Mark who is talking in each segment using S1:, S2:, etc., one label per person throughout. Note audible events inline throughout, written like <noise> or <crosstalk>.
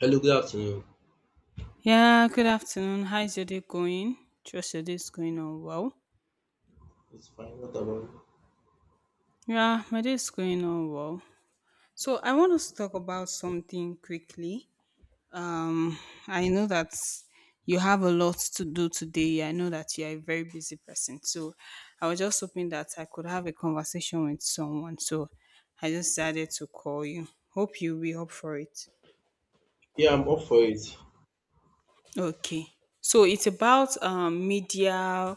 S1: Hello, good afternoon.
S2: Yeah, good afternoon. How's your day going? Trust your day is going on well.
S1: It's fine. What about you?
S2: Yeah, my day is going on well. So I want us to talk about something quickly. Um, I know that you have a lot to do today. I know that you are a very busy person. So I was just hoping that I could have a conversation with someone. So I just decided to call you. Hope you'll be up for it.
S1: Yeah, I'm up for it.
S2: Okay. So it's about media,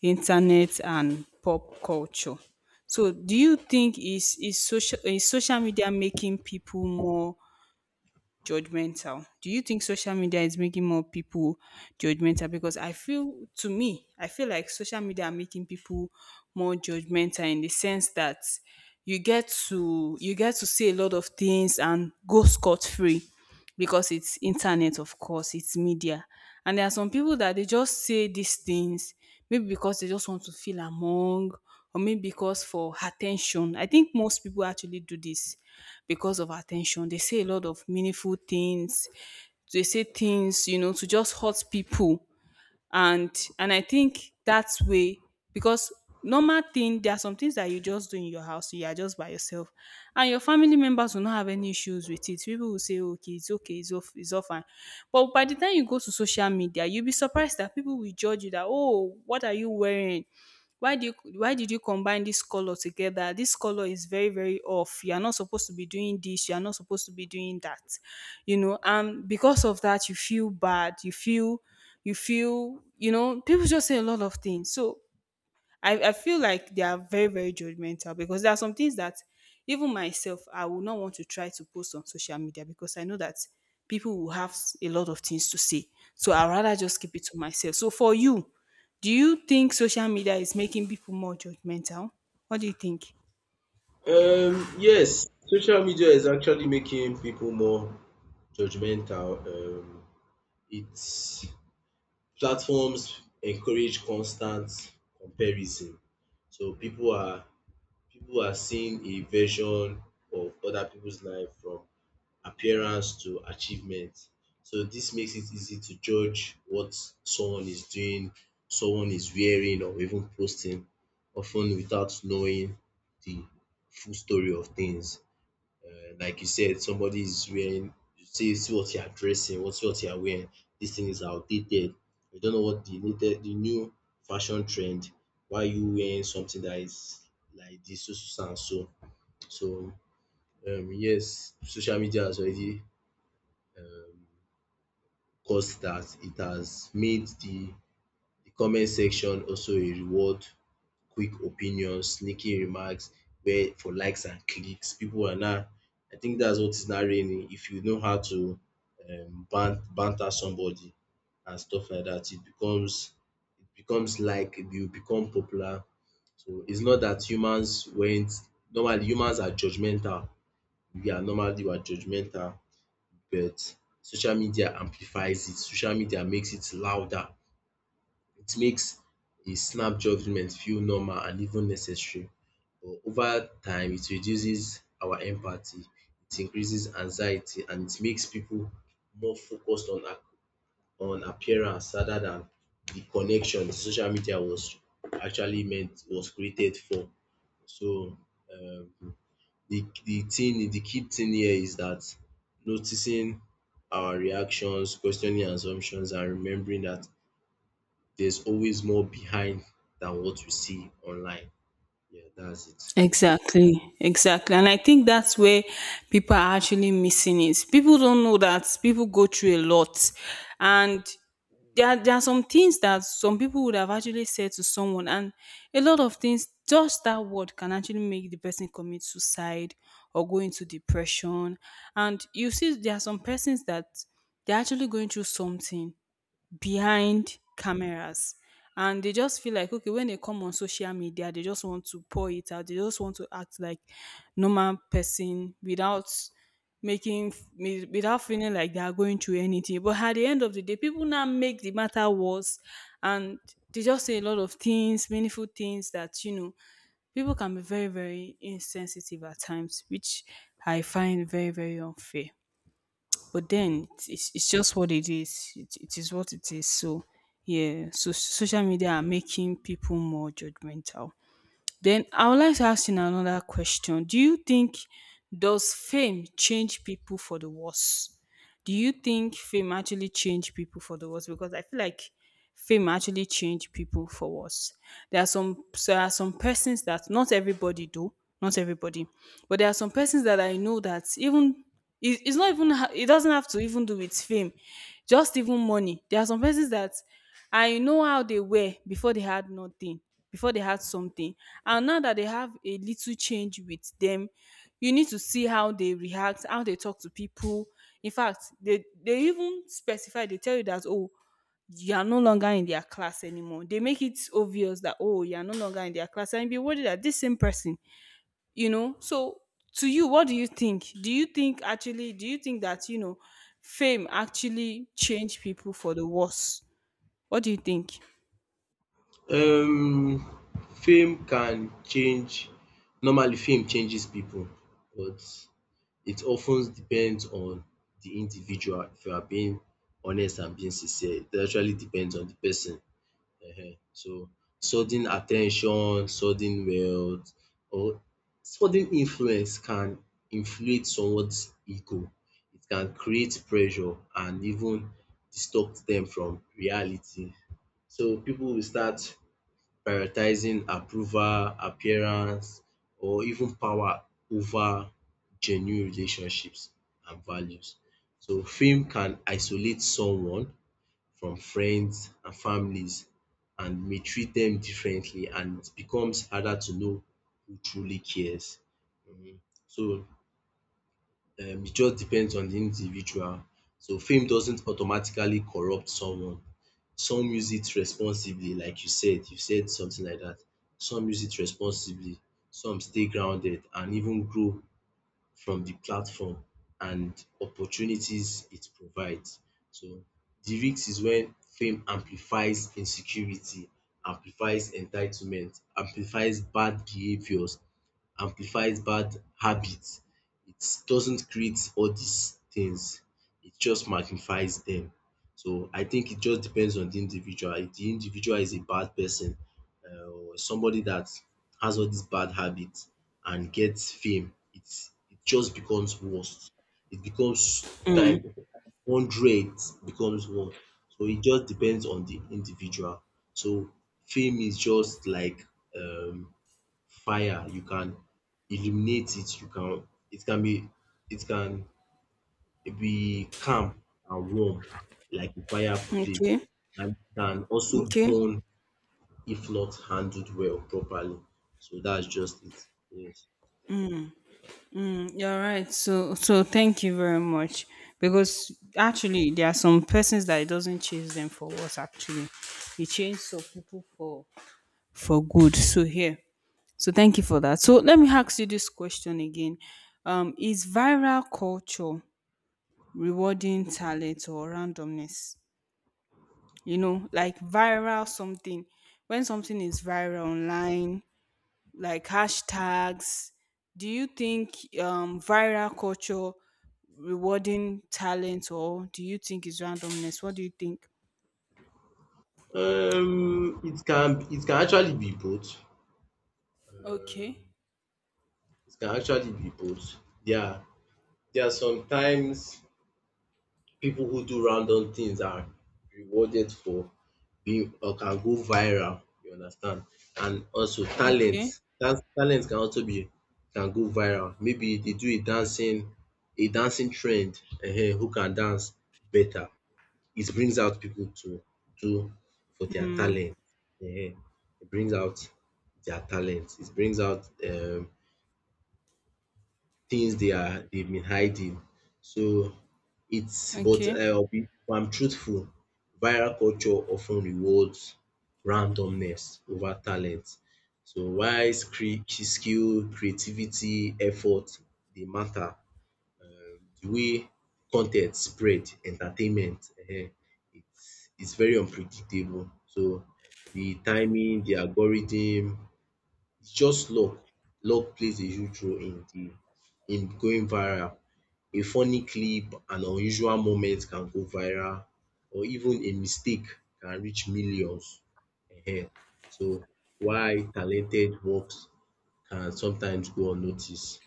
S2: internet, and pop culture. So do you think is social media making people more judgmental. Do you think social media is making more people judgmental? Because I feel, to me, I feel like social media are making people more judgmental in the sense that you get to see a lot of things and go scot free because it's internet, of course, it's media, and there are some people that they just say these things maybe because they just want to feel among or maybe because for attention. I think most people actually do this because of attention. They say a lot of meaningful things. They say things, you know, to just hurt people. And and I think that's way because normal thing, there are some things that you just do in your house, you are just by yourself. And your family members will not have any issues with it. People will say, okay, it's off, it's all fine. But by the time you go to social media, you'll be surprised that people will judge you that, oh, what are you wearing? Why do you why did you combine this color together, this color is very, very off, you are not supposed to be doing this, you are not supposed to be doing that, you know, and because of that you feel bad, you feel you know, people just say a lot of things. So I feel like they are very, very judgmental because there are some things that even myself, I will not want to try to post on social media because I know that people will have a lot of things to say. So I'd rather just keep it to myself. So for you, do you think social media is making people more judgmental? What do you think?
S1: Yes, social media is actually making people more judgmental. It's Platforms encourage constant comparison. So people are seeing a version of other people's life from appearance to achievement. So this makes it easy to judge what someone is doing, someone is wearing or even posting, often without knowing the full story of things. Like you said, somebody is wearing, you see what you are dressing, what you are wearing. This thing is outdated. You don't know what the new fashion trend. Why you wearing something that is like this, so so so and so. So yes, social media has already um cause that it has made the comment section also a reward quick opinions, sneaky remarks where for likes and clicks. People are now I think that's what is now raining. If you know how to banter somebody and stuff like that, it becomes like you become popular. So it's not that humans went. Normally humans are judgmental. We are judgmental, but social media amplifies it. Social media makes it louder. It makes a snap judgment feel normal and even necessary. But over time, it reduces our empathy, it increases anxiety, and it makes people more focused on on appearance rather than the connection the social media was actually meant was created for. So um the key thing here is that noticing our reactions, questioning assumptions, and remembering that there's always more behind than what we see online. Yeah, that's it.
S2: Exactly, exactly. And I think that's where people are actually missing it. People don't know that people go through a lot. And there are some things that some people would have actually said to someone. And a lot of things, just that word can actually make the person commit suicide or go into depression. And you see, there are some persons that they're actually going through something behind cameras and they just feel like okay, when they come on social media they just want to pour it out, they just want to act like normal person without without feeling like they are going through anything, but at the end of the day people now make the matter worse and they just say a lot of things, meaningful things, that you know, people can be very, very insensitive at times, which I find very, very unfair. But then
S1: Mm.
S2: it's just what it is. It is what it is. So yeah, so social media are making people more judgmental. Then I would like to ask you now another question. Do you think Does fame change people for the worse? Do you think fame actually change people for the worse? Because I feel like fame actually change people for worse. There are some persons that not everybody do, not everybody, but there are some persons that I know that even it doesn't have to even do with fame, just even money. There are some persons that I know how they were before, they had nothing before, they had something, and now that they have a little change with them, you need to see how they react, how they talk to people. In fact, they even specify, they tell you that oh, you are no longer in their class anymore. They make it obvious that oh, you are no longer in their class, and be worried that this same person, you know. So to you, what do you think? Do you think actually do you think that, you know, fame actually change people for the worse? What do you think?
S1: Um, Fame can change. Normally, fame changes people, but it often depends on the individual. If you are being honest and being sincere, it actually depends on the person. Ehen. So sudden attention, sudden wealth or sudden influence can inflate someone's ego. It can create pressure and even distract them from reality. So people will start prioritizing approval, appearance or even power over genuine relationships and values. So fame can isolate someone from friends and families and may treat them differently and it becomes harder to know who truly cares. So it just depends on the individual. So fame doesn't automatically corrupt someone. Some use it responsibly like you said something like that. Some use it responsibly, some stay grounded and even grow from the platform and opportunities it provides. So the risk is when fame amplifies insecurity, amplifies entitlement, amplifies bad behaviors amplifies bad habits. It doesn't create all these things. It just magnifies them. So I think it just depends on the individual. If the individual is a bad person or somebody that has all these bad habits and gets fame, it just becomes worse. It becomes time hundred becomes one. So it just depends on the individual. So fame is just like um fire, you can illuminate it, you can it can be it can be calm and warm like a fireplace
S2: Okay.
S1: and it can also
S2: Okay.
S1: burn if not handled well properly. So that's just it. Yes.
S2: Mm, you're right. So so thank you very much. Because actually there are some persons that it doesn't change them for worse actually, it changes some people for good so here. So thank you for that. So let me ask you this question again. Is viral culture rewarding talent or randomness? You know, like viral something. When something is viral online, like hashtags, do you think viral culture rewarding talent or do you think it's randomness? What do you think?
S1: It can actually be both.
S2: Okay.
S1: Um, It can actually be both. There are there are sometimes people who do random things are rewarded for being or can go viral you understand and also
S2: Okay.
S1: talent that talent can also be can go viral maybe they do a dancing trend who can dance better it brings out people to do for their
S2: Mm,
S1: talent um it brings out their talent it brings out things they've been hiding. So it's but
S2: okay.
S1: if I'm truthful, viral culture often rewards randomness over talent. So while skill, creativity, effort they matter, the way content spread, entertainment it's very unpredictable. So the timing, the algorithm it's just luck. Luck plays a huge role in the in going viral. A funny clip, an unusual moment can go viral or even a mistake can reach millions. Ehen. So why talented works can sometimes go unnoticed.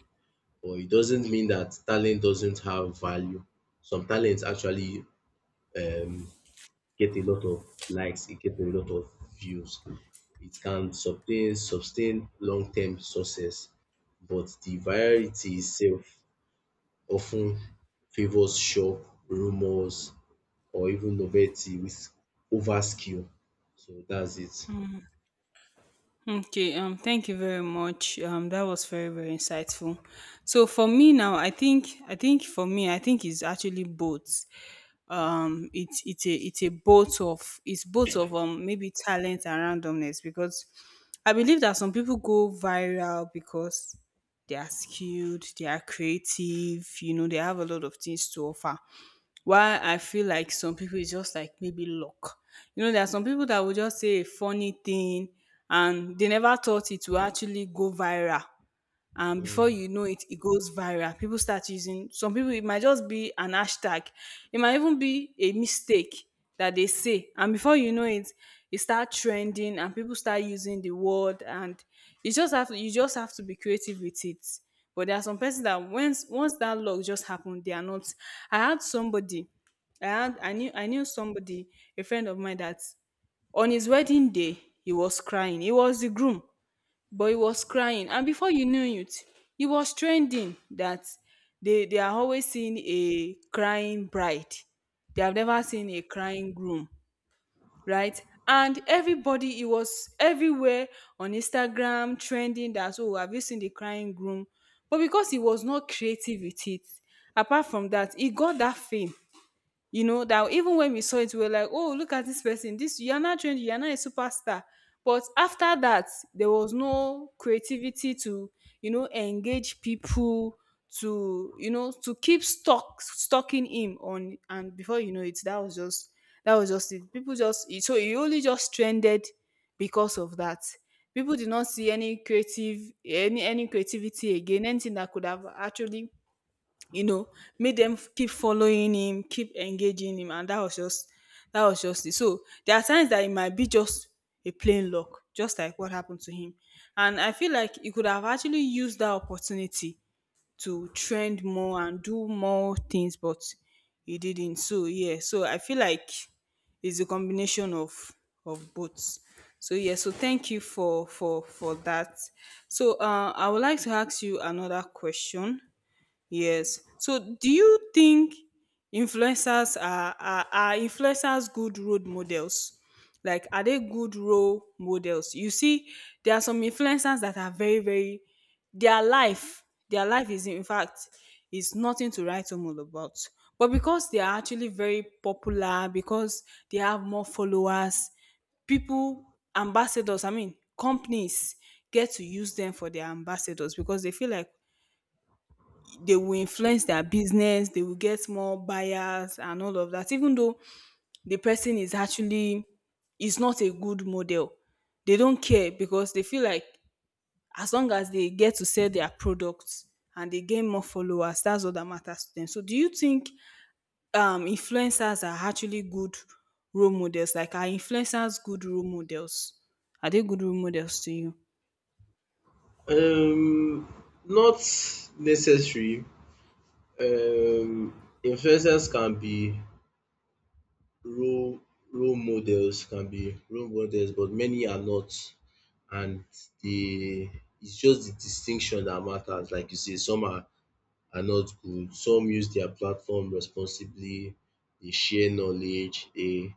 S1: But it doesn't mean that talent doesn't have value. Some talents actually um get a lot of likes, it get a lot of views. It can sustain long term success, but the virality itself often favours shock, rumours or even novelty with over skill. So that's it.
S2: Okay. Thank you very much. That was very, very insightful. So for me now, I think it's actually both. It's both of maybe talent and randomness, because I believe that some people go viral because they are skilled, they are creative, you know, they have a lot of things to offer. While I feel like some people, it's just like maybe luck. You know, there are some people that will just say a funny thing and they never thought it will actually go viral, and before
S1: um
S2: you know it, it goes viral, people start using, some people it might just be an hashtag, it might even be a mistake that they say, and before you know it, it start trending and people start using the word. And you just have to, you just have to be creative with it. But there are some persons that once that luck just happened, they are not. I had somebody i had i knew I knew somebody, a friend of mine, that on his wedding day he was crying. He was the groom, but he was crying, and before you knew it, he was trending, that they are always seeing a crying bride, they have never seen a crying groom, right? And everybody, it was everywhere on Instagram trending that, oh, have you seen the crying groom? But because he was not creative with it, apart from that, he got that fame, you know, that even when we saw it we were like, oh, look at this person, this you're not trained, you're not a superstar. But after that, there was no creativity to, you know, engage people, to you know, to keep stock stalking him on. And before you know it, that was just it. People just so he only just trended because of that. People did not see any creative, any creativity again, anything that could have actually, you know, made them keep following him, keep engaging him, and that was just it. So there are times that it might be just a plain luck, just like what happened to him. And I feel like he could have actually used that opportunity to trend more and do more things, but he didn't. So yeah, so I feel like it's a combination of both. So yeah, so thank you for for that. So I would like to ask you another question. Yes. So, do you think influencers are, are influencers good role models? Like, are they good role models? You see, there are some influencers that are very, very their life. Their life is, in fact, is nothing to write home all about. But because they are actually very popular, because they have more followers, people ambassadors I mean companies get to use them for their ambassadors because they feel like they will influence their business, they will get more buyers and all of that. Even though the person is actually is not a good model, they don't care because they feel like as long as they get to sell their products and they gain more followers, that's all that matters to them. So do you think influencers are actually good role models? Like are influencers good role models? Are they good role models to you?
S1: um Not necessary. um Influencers can be role role models, but many are not. And the it's just the distinction that matters. Like you say, some are not good. Some use their platform responsibly. They share knowledge. They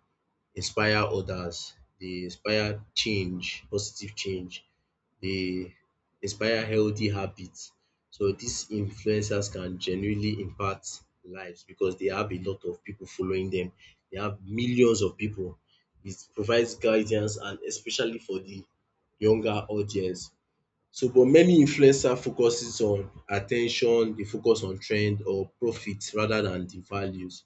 S1: inspire others. They inspire change, positive change. They inspire healthy habits. So these influencers can genuinely impact lives because they have a lot of people following them. They have millions of people. It provides guidance and especially for the younger audience. So but many influencer focuses on attention. They focus on trend or profit rather than the values.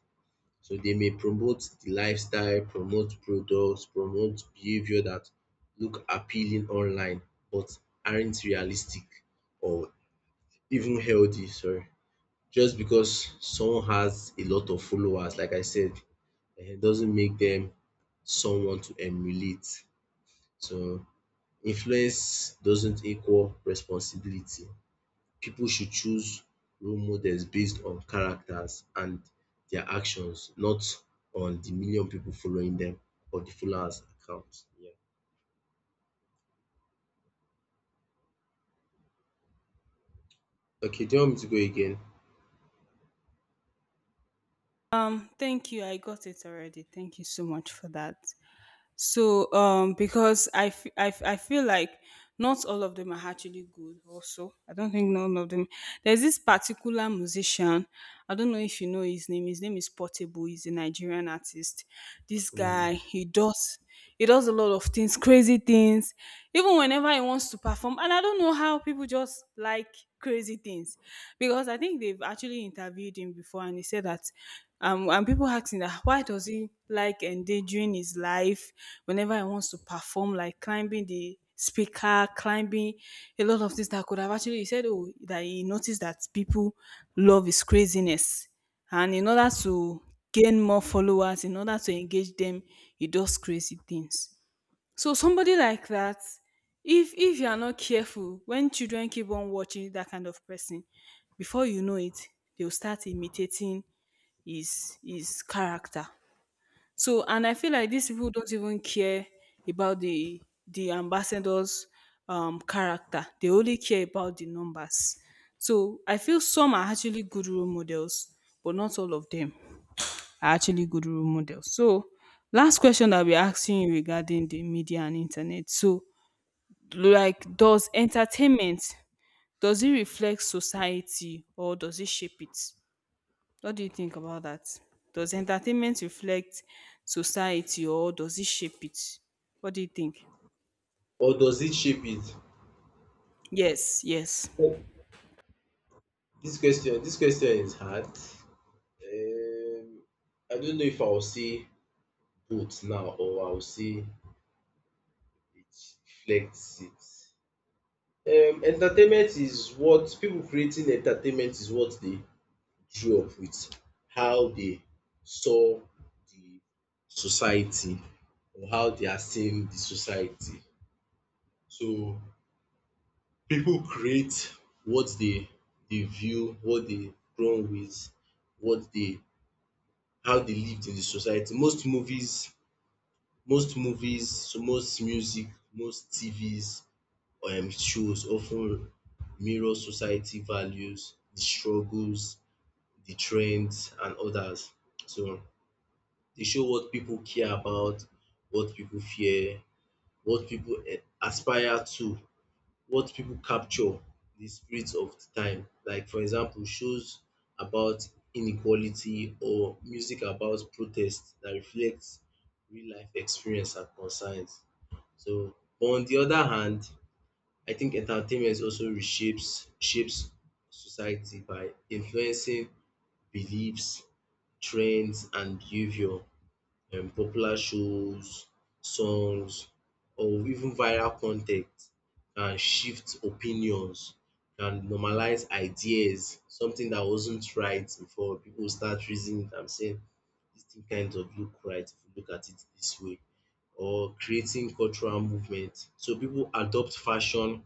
S1: So they may promote the lifestyle, promote products, promote behavior that look appealing online but aren't realistic or even healthy, sorry. Just because someone has a lot of followers, like I said, doesn't make them someone to emulate. So influence doesn't equal responsibility people should choose role models based on characters and their actions, not on the million people following them or the followers account. Yeah. Okay, do you want me to go again?
S2: Thank you. I got it already. Thank you so much for that. So, because I feel like not all of them are actually good, also. I don't think none of them. There's this particular musician. I don't know if you know his name. His name is Portable. He's a Nigerian artist. This guy,
S1: Mm.
S2: he does. He does a lot of things, crazy things, even whenever he wants to perform. And I don't know how people just like crazy things because I think they've actually interviewed him before and he said that and people asking that why does he like endangering his life whenever he wants to perform, like climbing the speaker, climbing a lot of things that could have actually he said, oh, that he noticed that people love his craziness. And in order to gain more followers, in order to engage them, he does crazy things. So somebody like that, if you are not careful, when children keep on watching that kind of person, before you know it, they'll start imitating is character. So and I feel like these people don't even care about the ambassador's character. They only care about the numbers. So I feel some are actually good role models, but not all of them are actually good role models. So last question I'll be asking you regarding the media and internet. So like does entertainment does it reflect society or does it shape it? What do you think about that? Does entertainment reflect society or does it shape it? What do you think?
S1: Or does it shape it?
S2: Yes, yes.
S1: Oh, this question is hard. I don't know if I'll say both now or I'll say it reflects it. Entertainment is what people creating entertainment is what they grew up with, how they saw the society or how they are seeing the society. So people create what they view, what they grown with, what they how they lived in the society. Most movies, so most music, most TVs shows often mirror society values, the struggles, the trends and others. So they show what people care about, what people fear, what people aspire to, what people capture the spirit of the time. Like for example, shows about inequality or music about protest that reflects real life experience and concerns. So, but on the other hand, I think entertainment also reshapes shapes society by influencing beliefs, trends, and behavior. Popular shows, songs or even viral content can shift opinions, can normalize ideas, something that wasn't right before. People start reasoning it and saying this thing kind of look right if you look at it this way or creating cultural movement. So people adopt fashion,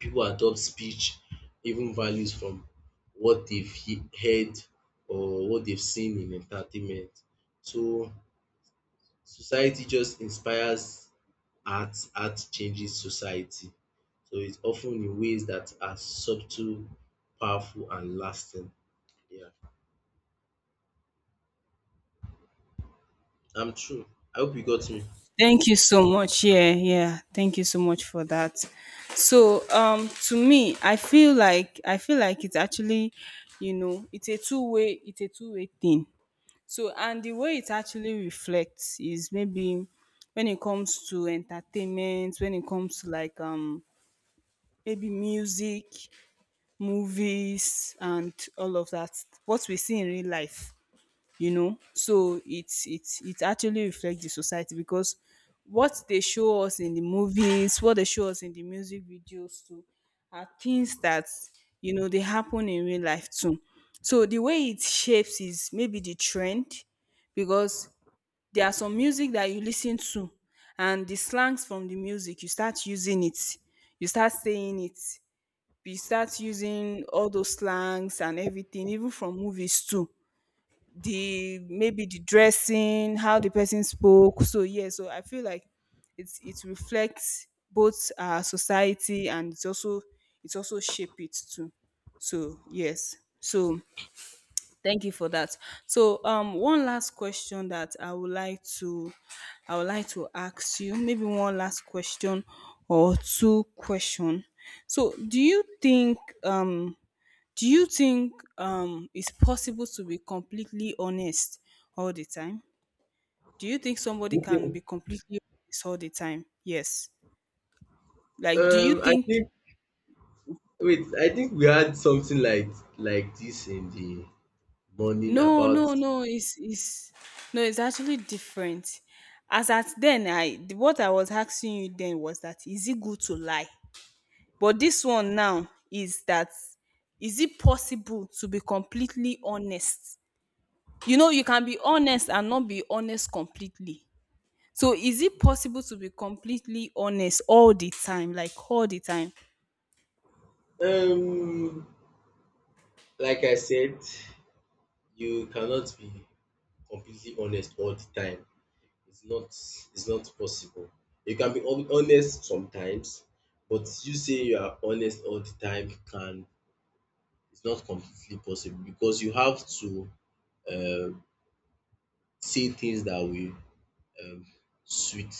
S1: people adopt speech, even values from what they've heard or what they've seen in entertainment. So society just inspires art, art changes society. So it's often in ways that are subtle, powerful, and lasting. Yeah, I'm true. I hope you got me.
S2: Thank you so much. Yeah, yeah. Thank you so much for that. So, to me, I feel like it's actually, you know, it's a two-way thing. So, and the way it actually reflects is maybe when it comes to entertainment, when it comes to like maybe music, movies, and all of that, what we see in real life, you know. So it actually reflects the society because what they show us in the movies, what they show us in the music videos too are things that, you know, they happen in real life too. So the way it shapes is maybe the trend, because there are some music that you listen to and the slangs from the music you start using it, you start saying it, we start using all those slangs and everything, even from movies too. The maybe the dressing, how the person spoke. So yeah, so I feel like it reflects both our society and it's also shape it too. So yes. So thank you for that. So one last question that I would like to I would like to ask you, maybe one last question or two question. So do you think um it's possible to be completely honest all the time? Do you think somebody can
S1: Okay.
S2: be completely honest all the time? Yes. Like, do you
S1: I
S2: think?
S1: think, wait, I think we had something like this in the morning
S2: No,
S1: about
S2: no, no. It's no. It's actually different. As at then, what I was asking you then was that is it good to lie? But this one now is that is it possible to be completely honest? You know, you can be honest and not be honest completely. So is it possible to be completely honest all the time, like all the time?
S1: um like I said, you cannot be completely honest all the time. It's not possible. You can be honest sometimes, but you saying you are honest all the time can it's not completely possible because you have to um say things that will um sweet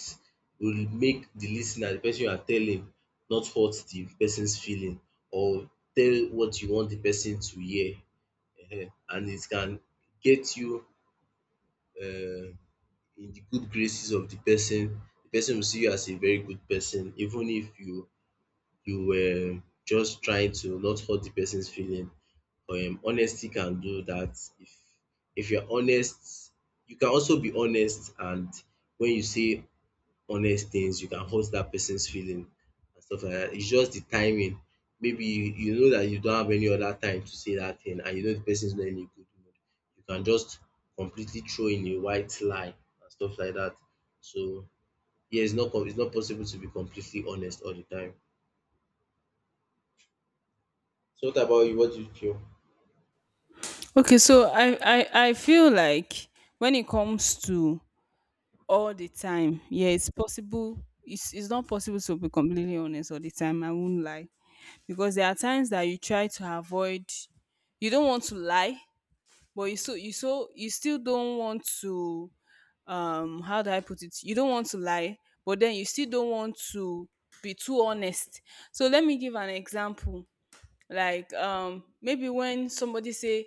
S1: will make the listener, the person you are telling not hurt the person's feeling or tell what you want the person to hear and it can get you uh. in the good graces of the person. The person will see you as a very good person even if you were just trying to not hurt the person's feeling. Honesty can do that. If you are honest, you can also be honest and when you say honest things, you can hurt that person's feeling and stuff like that. It's just the timing. Maybe you know that you don't have any other time to say that thing and you know the person's not in a good mood. You can just completely throw in a white lie and stuff like that. So yeah, it's not possible to be completely honest all the time. So what about you? What do you feel?
S2: Okay, so I feel like when it comes to all the time, yeah, it's possible. It's not possible to be completely honest all the time. I won't lie because there are times that you try to avoid. You don't want to lie, but you still don't want to, how do I put it, you don't want to lie, but then you still don't want to be too honest. So let me give an example, like, maybe when somebody say,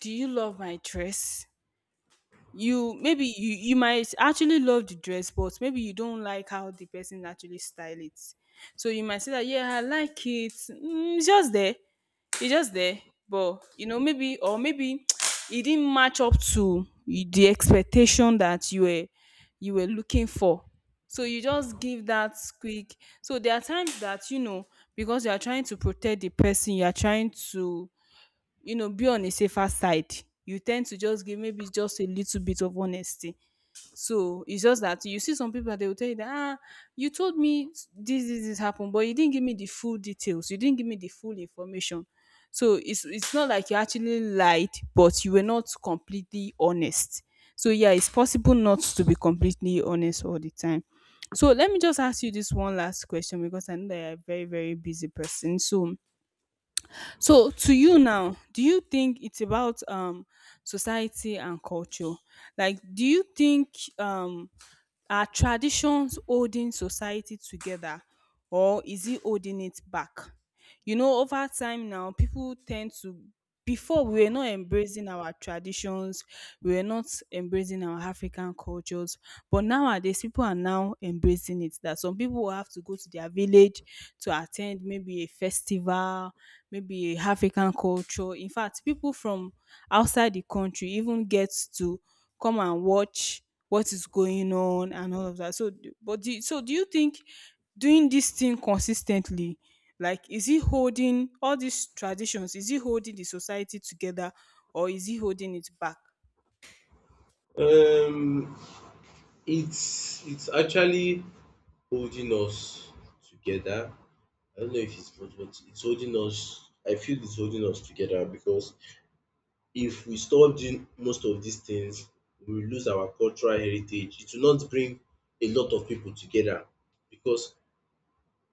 S2: do you love my dress? You maybe you might actually love the dress, but maybe you don't like how the person actually style it. So you might say that, yeah, I like it, mm, it's just there. He's just there, but you know, maybe, or maybe <tsk> it didn't match up to the expectation that you were looking for. So you just give that quick. So there are times that, you know, because you are trying to protect the person, you are trying to, you know, be on a safer side. You tend to just give maybe just a little bit of honesty. So it's just that you see some people, they will tell you that, ah, you told me this, this, this happened, but you didn't give me the full details. You didn't give me the full information. So it's not like you actually lied, but you were not completely honest. So yeah, it's possible not to be completely honest all the time. So let me just ask you this one last question because I know that you're a very, very busy person. So so to you now, do you think it's about society and culture? Like do you think um are traditions holding society together or is it holding it back? You know, over time now, people tend to before we were not embracing our traditions, we were not embracing our African cultures, but nowadays people are now embracing it. That some people will have to go to their village to attend maybe a festival, maybe a African culture. In fact, people from outside the country even get to come and watch what is going on and all of that. So, but do, so do you think doing this thing consistently, like, is it holding all these traditions? Is it holding the society together, or is it holding it back?
S1: Um, it's actually holding us together. I don't know if it's possible. It's holding us. I feel it's holding us together because if we stop doing most of these things, we will lose our cultural heritage. It will not bring a lot of people together because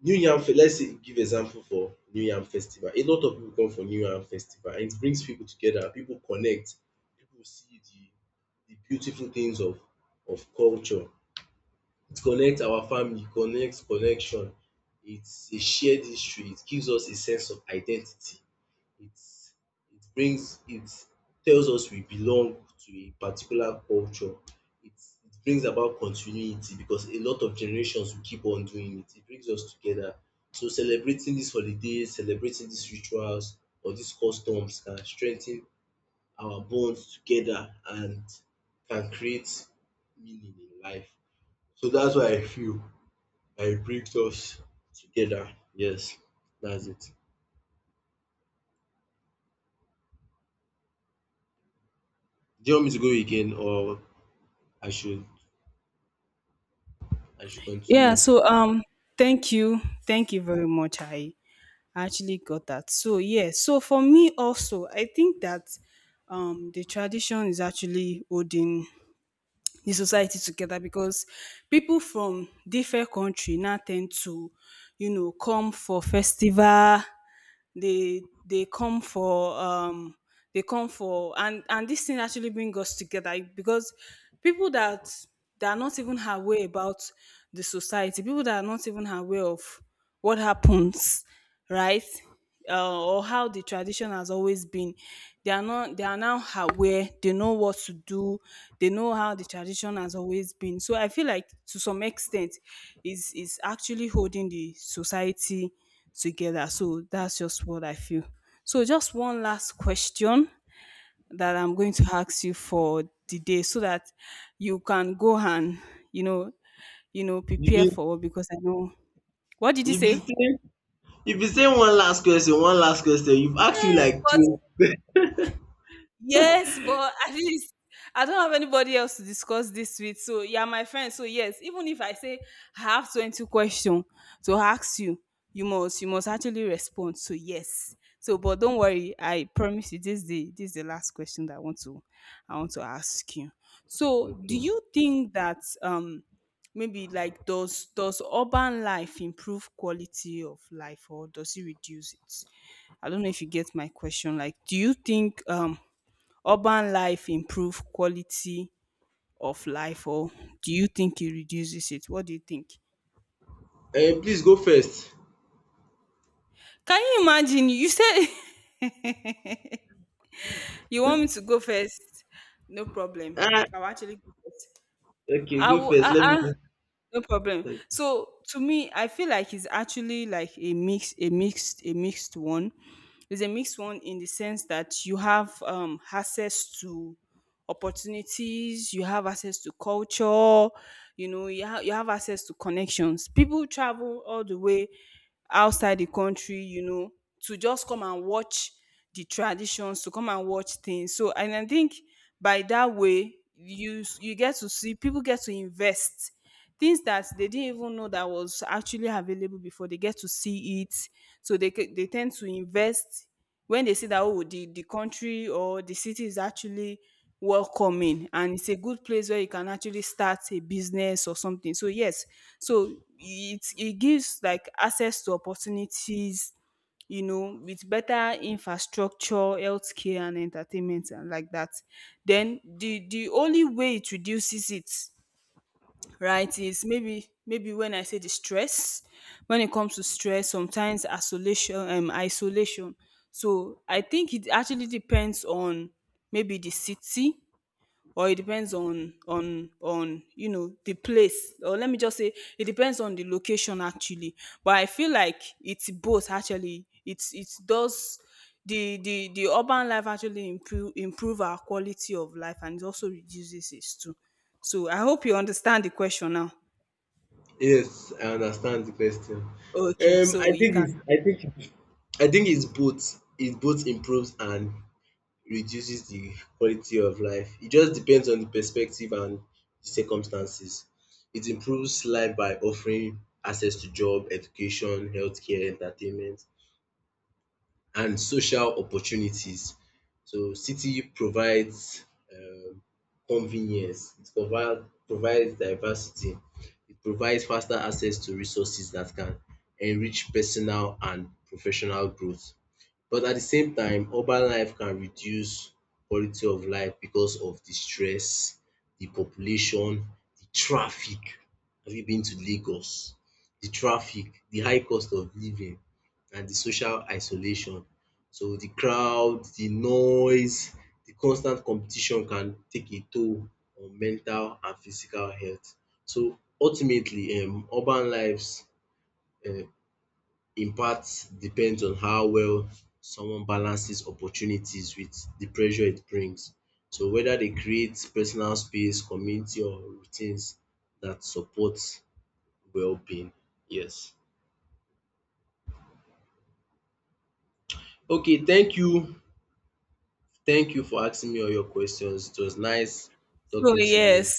S1: new yam fe let's say give example for new yam festival. A lot of people come for new yam festival and it brings people together. People connect, people see the beautiful things of culture. It connects our family, connects connection, it's a shared history, it gives us a sense of identity, it's it brings it tells us we belong to a particular culture. It brings about continuity because a lot of generations will keep on doing it. It brings us together. So celebrating these holidays, celebrating these rituals or these customs can strengthen our bonds together and can create meaning in life. So that's why I feel I brings us together. Yes, that's it. Do you want me to go again or I should I should
S2: Yeah.
S1: continue?
S2: So, thank you, thank you very much. I actually got that. So, yeah. So for me also, I think that the tradition is actually holding the society together because people from different country now tend to, you know, come for festival. They come for and this thing actually bring us together because people that that are not even aware about the society, people that are not even aware of what happens right, or how the tradition has always been, they are not, they are now aware, they know what to do, they know how the tradition has always been. So I feel like to some extent is actually holding the society together. So that's just what I feel. So just one last question that I'm going to ask you for the day so that you can go and, you know, you know,
S1: You've
S2: prepare
S1: been
S2: for work because I know what did you
S1: you've been
S2: say?
S1: saying you've been saying one last question, one last question. You've asked me
S2: Yes,
S1: like
S2: but
S1: two.
S2: yes, but at least I don't have anybody else to discuss this with. So you are my friend. So yes, even if I say I have 20 questions to ask you, you must actually respond. So yes. So but don't worry, I promise you this is the last question that I want to ask you. So do
S1: Okay.
S2: you think that maybe like does urban life improve quality of life or does it reduce it? I don't know if you get my question. Like, do you think urban life improve quality of life or do you think it reduces it? What do you think?
S1: Eh, please go first.
S2: Can you imagine? You said <laughs> you want me to go first? No problem.
S1: Ah,
S2: I'll actually go first.
S1: okay,
S2: I
S1: go
S2: will.
S1: first. Let me go
S2: No problem.
S1: first.
S2: So to me, I feel like it's actually like a mix, a mixed one. It's a mixed one in the sense that you have, access to opportunities, you have access to culture, you know, you have access to connections. People travel all the way outside the country, you know, to just come and watch the traditions, to come and watch things. So, and I think by that way, you get to see people get to invest things that they didn't even know that was actually available before they get to see it. So they tend to invest when they see that, oh, the country or the city is actually welcoming and it's a good place where you can actually start a business or something. So yes, so it gives like access to opportunities, you know, with better infrastructure, healthcare, and entertainment and like that. Then the only way it reduces it, right, is maybe, maybe when I say the stress, when it comes to stress sometimes, isolation, isolation. So I think it actually depends on maybe the city, or it depends on on, you know, the place, or let me just say it depends on the location actually. But I feel like it's both actually, it does, the urban life actually improve our quality of life, and it also reduces it too. So I hope you understand the question now.
S1: Yes, I understand the question.
S2: Okay, so you can.
S1: I think it's both. It both improves and reduces the quality of life. It just depends on the perspective and the circumstances. It improves life by offering access to job, education, healthcare, entertainment and social opportunities. So city provides um convenience, it provides diversity, it provides faster access to resources that can enrich personal and professional growth. But at the same time, urban life can reduce quality of life because of the stress, the population, the traffic. Have you been to Lagos? The traffic, the high cost of living and the social isolation. So the crowd, the noise, the constant competition can take a toll on mental and physical health. So ultimately urban lives uh in part depends on how well someone balances opportunities with the pressure it brings. So whether they create personal space, community or routines that support well-being. Yes. Okay, thank you. Thank you for asking me all your questions. It was nice
S2: So
S1: talking to you.
S2: yes,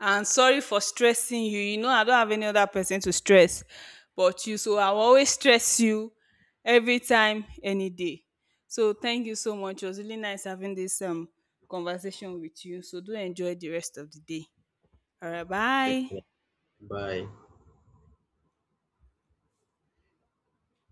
S2: and sorry for stressing you. You know, I don't have any other person to stress but you. So I will always stress you every time, any day. So thank you so much. It was really nice having this conversation with you. So do enjoy the rest of the day. All right,
S1: Thank
S2: bye.
S1: you. Bye.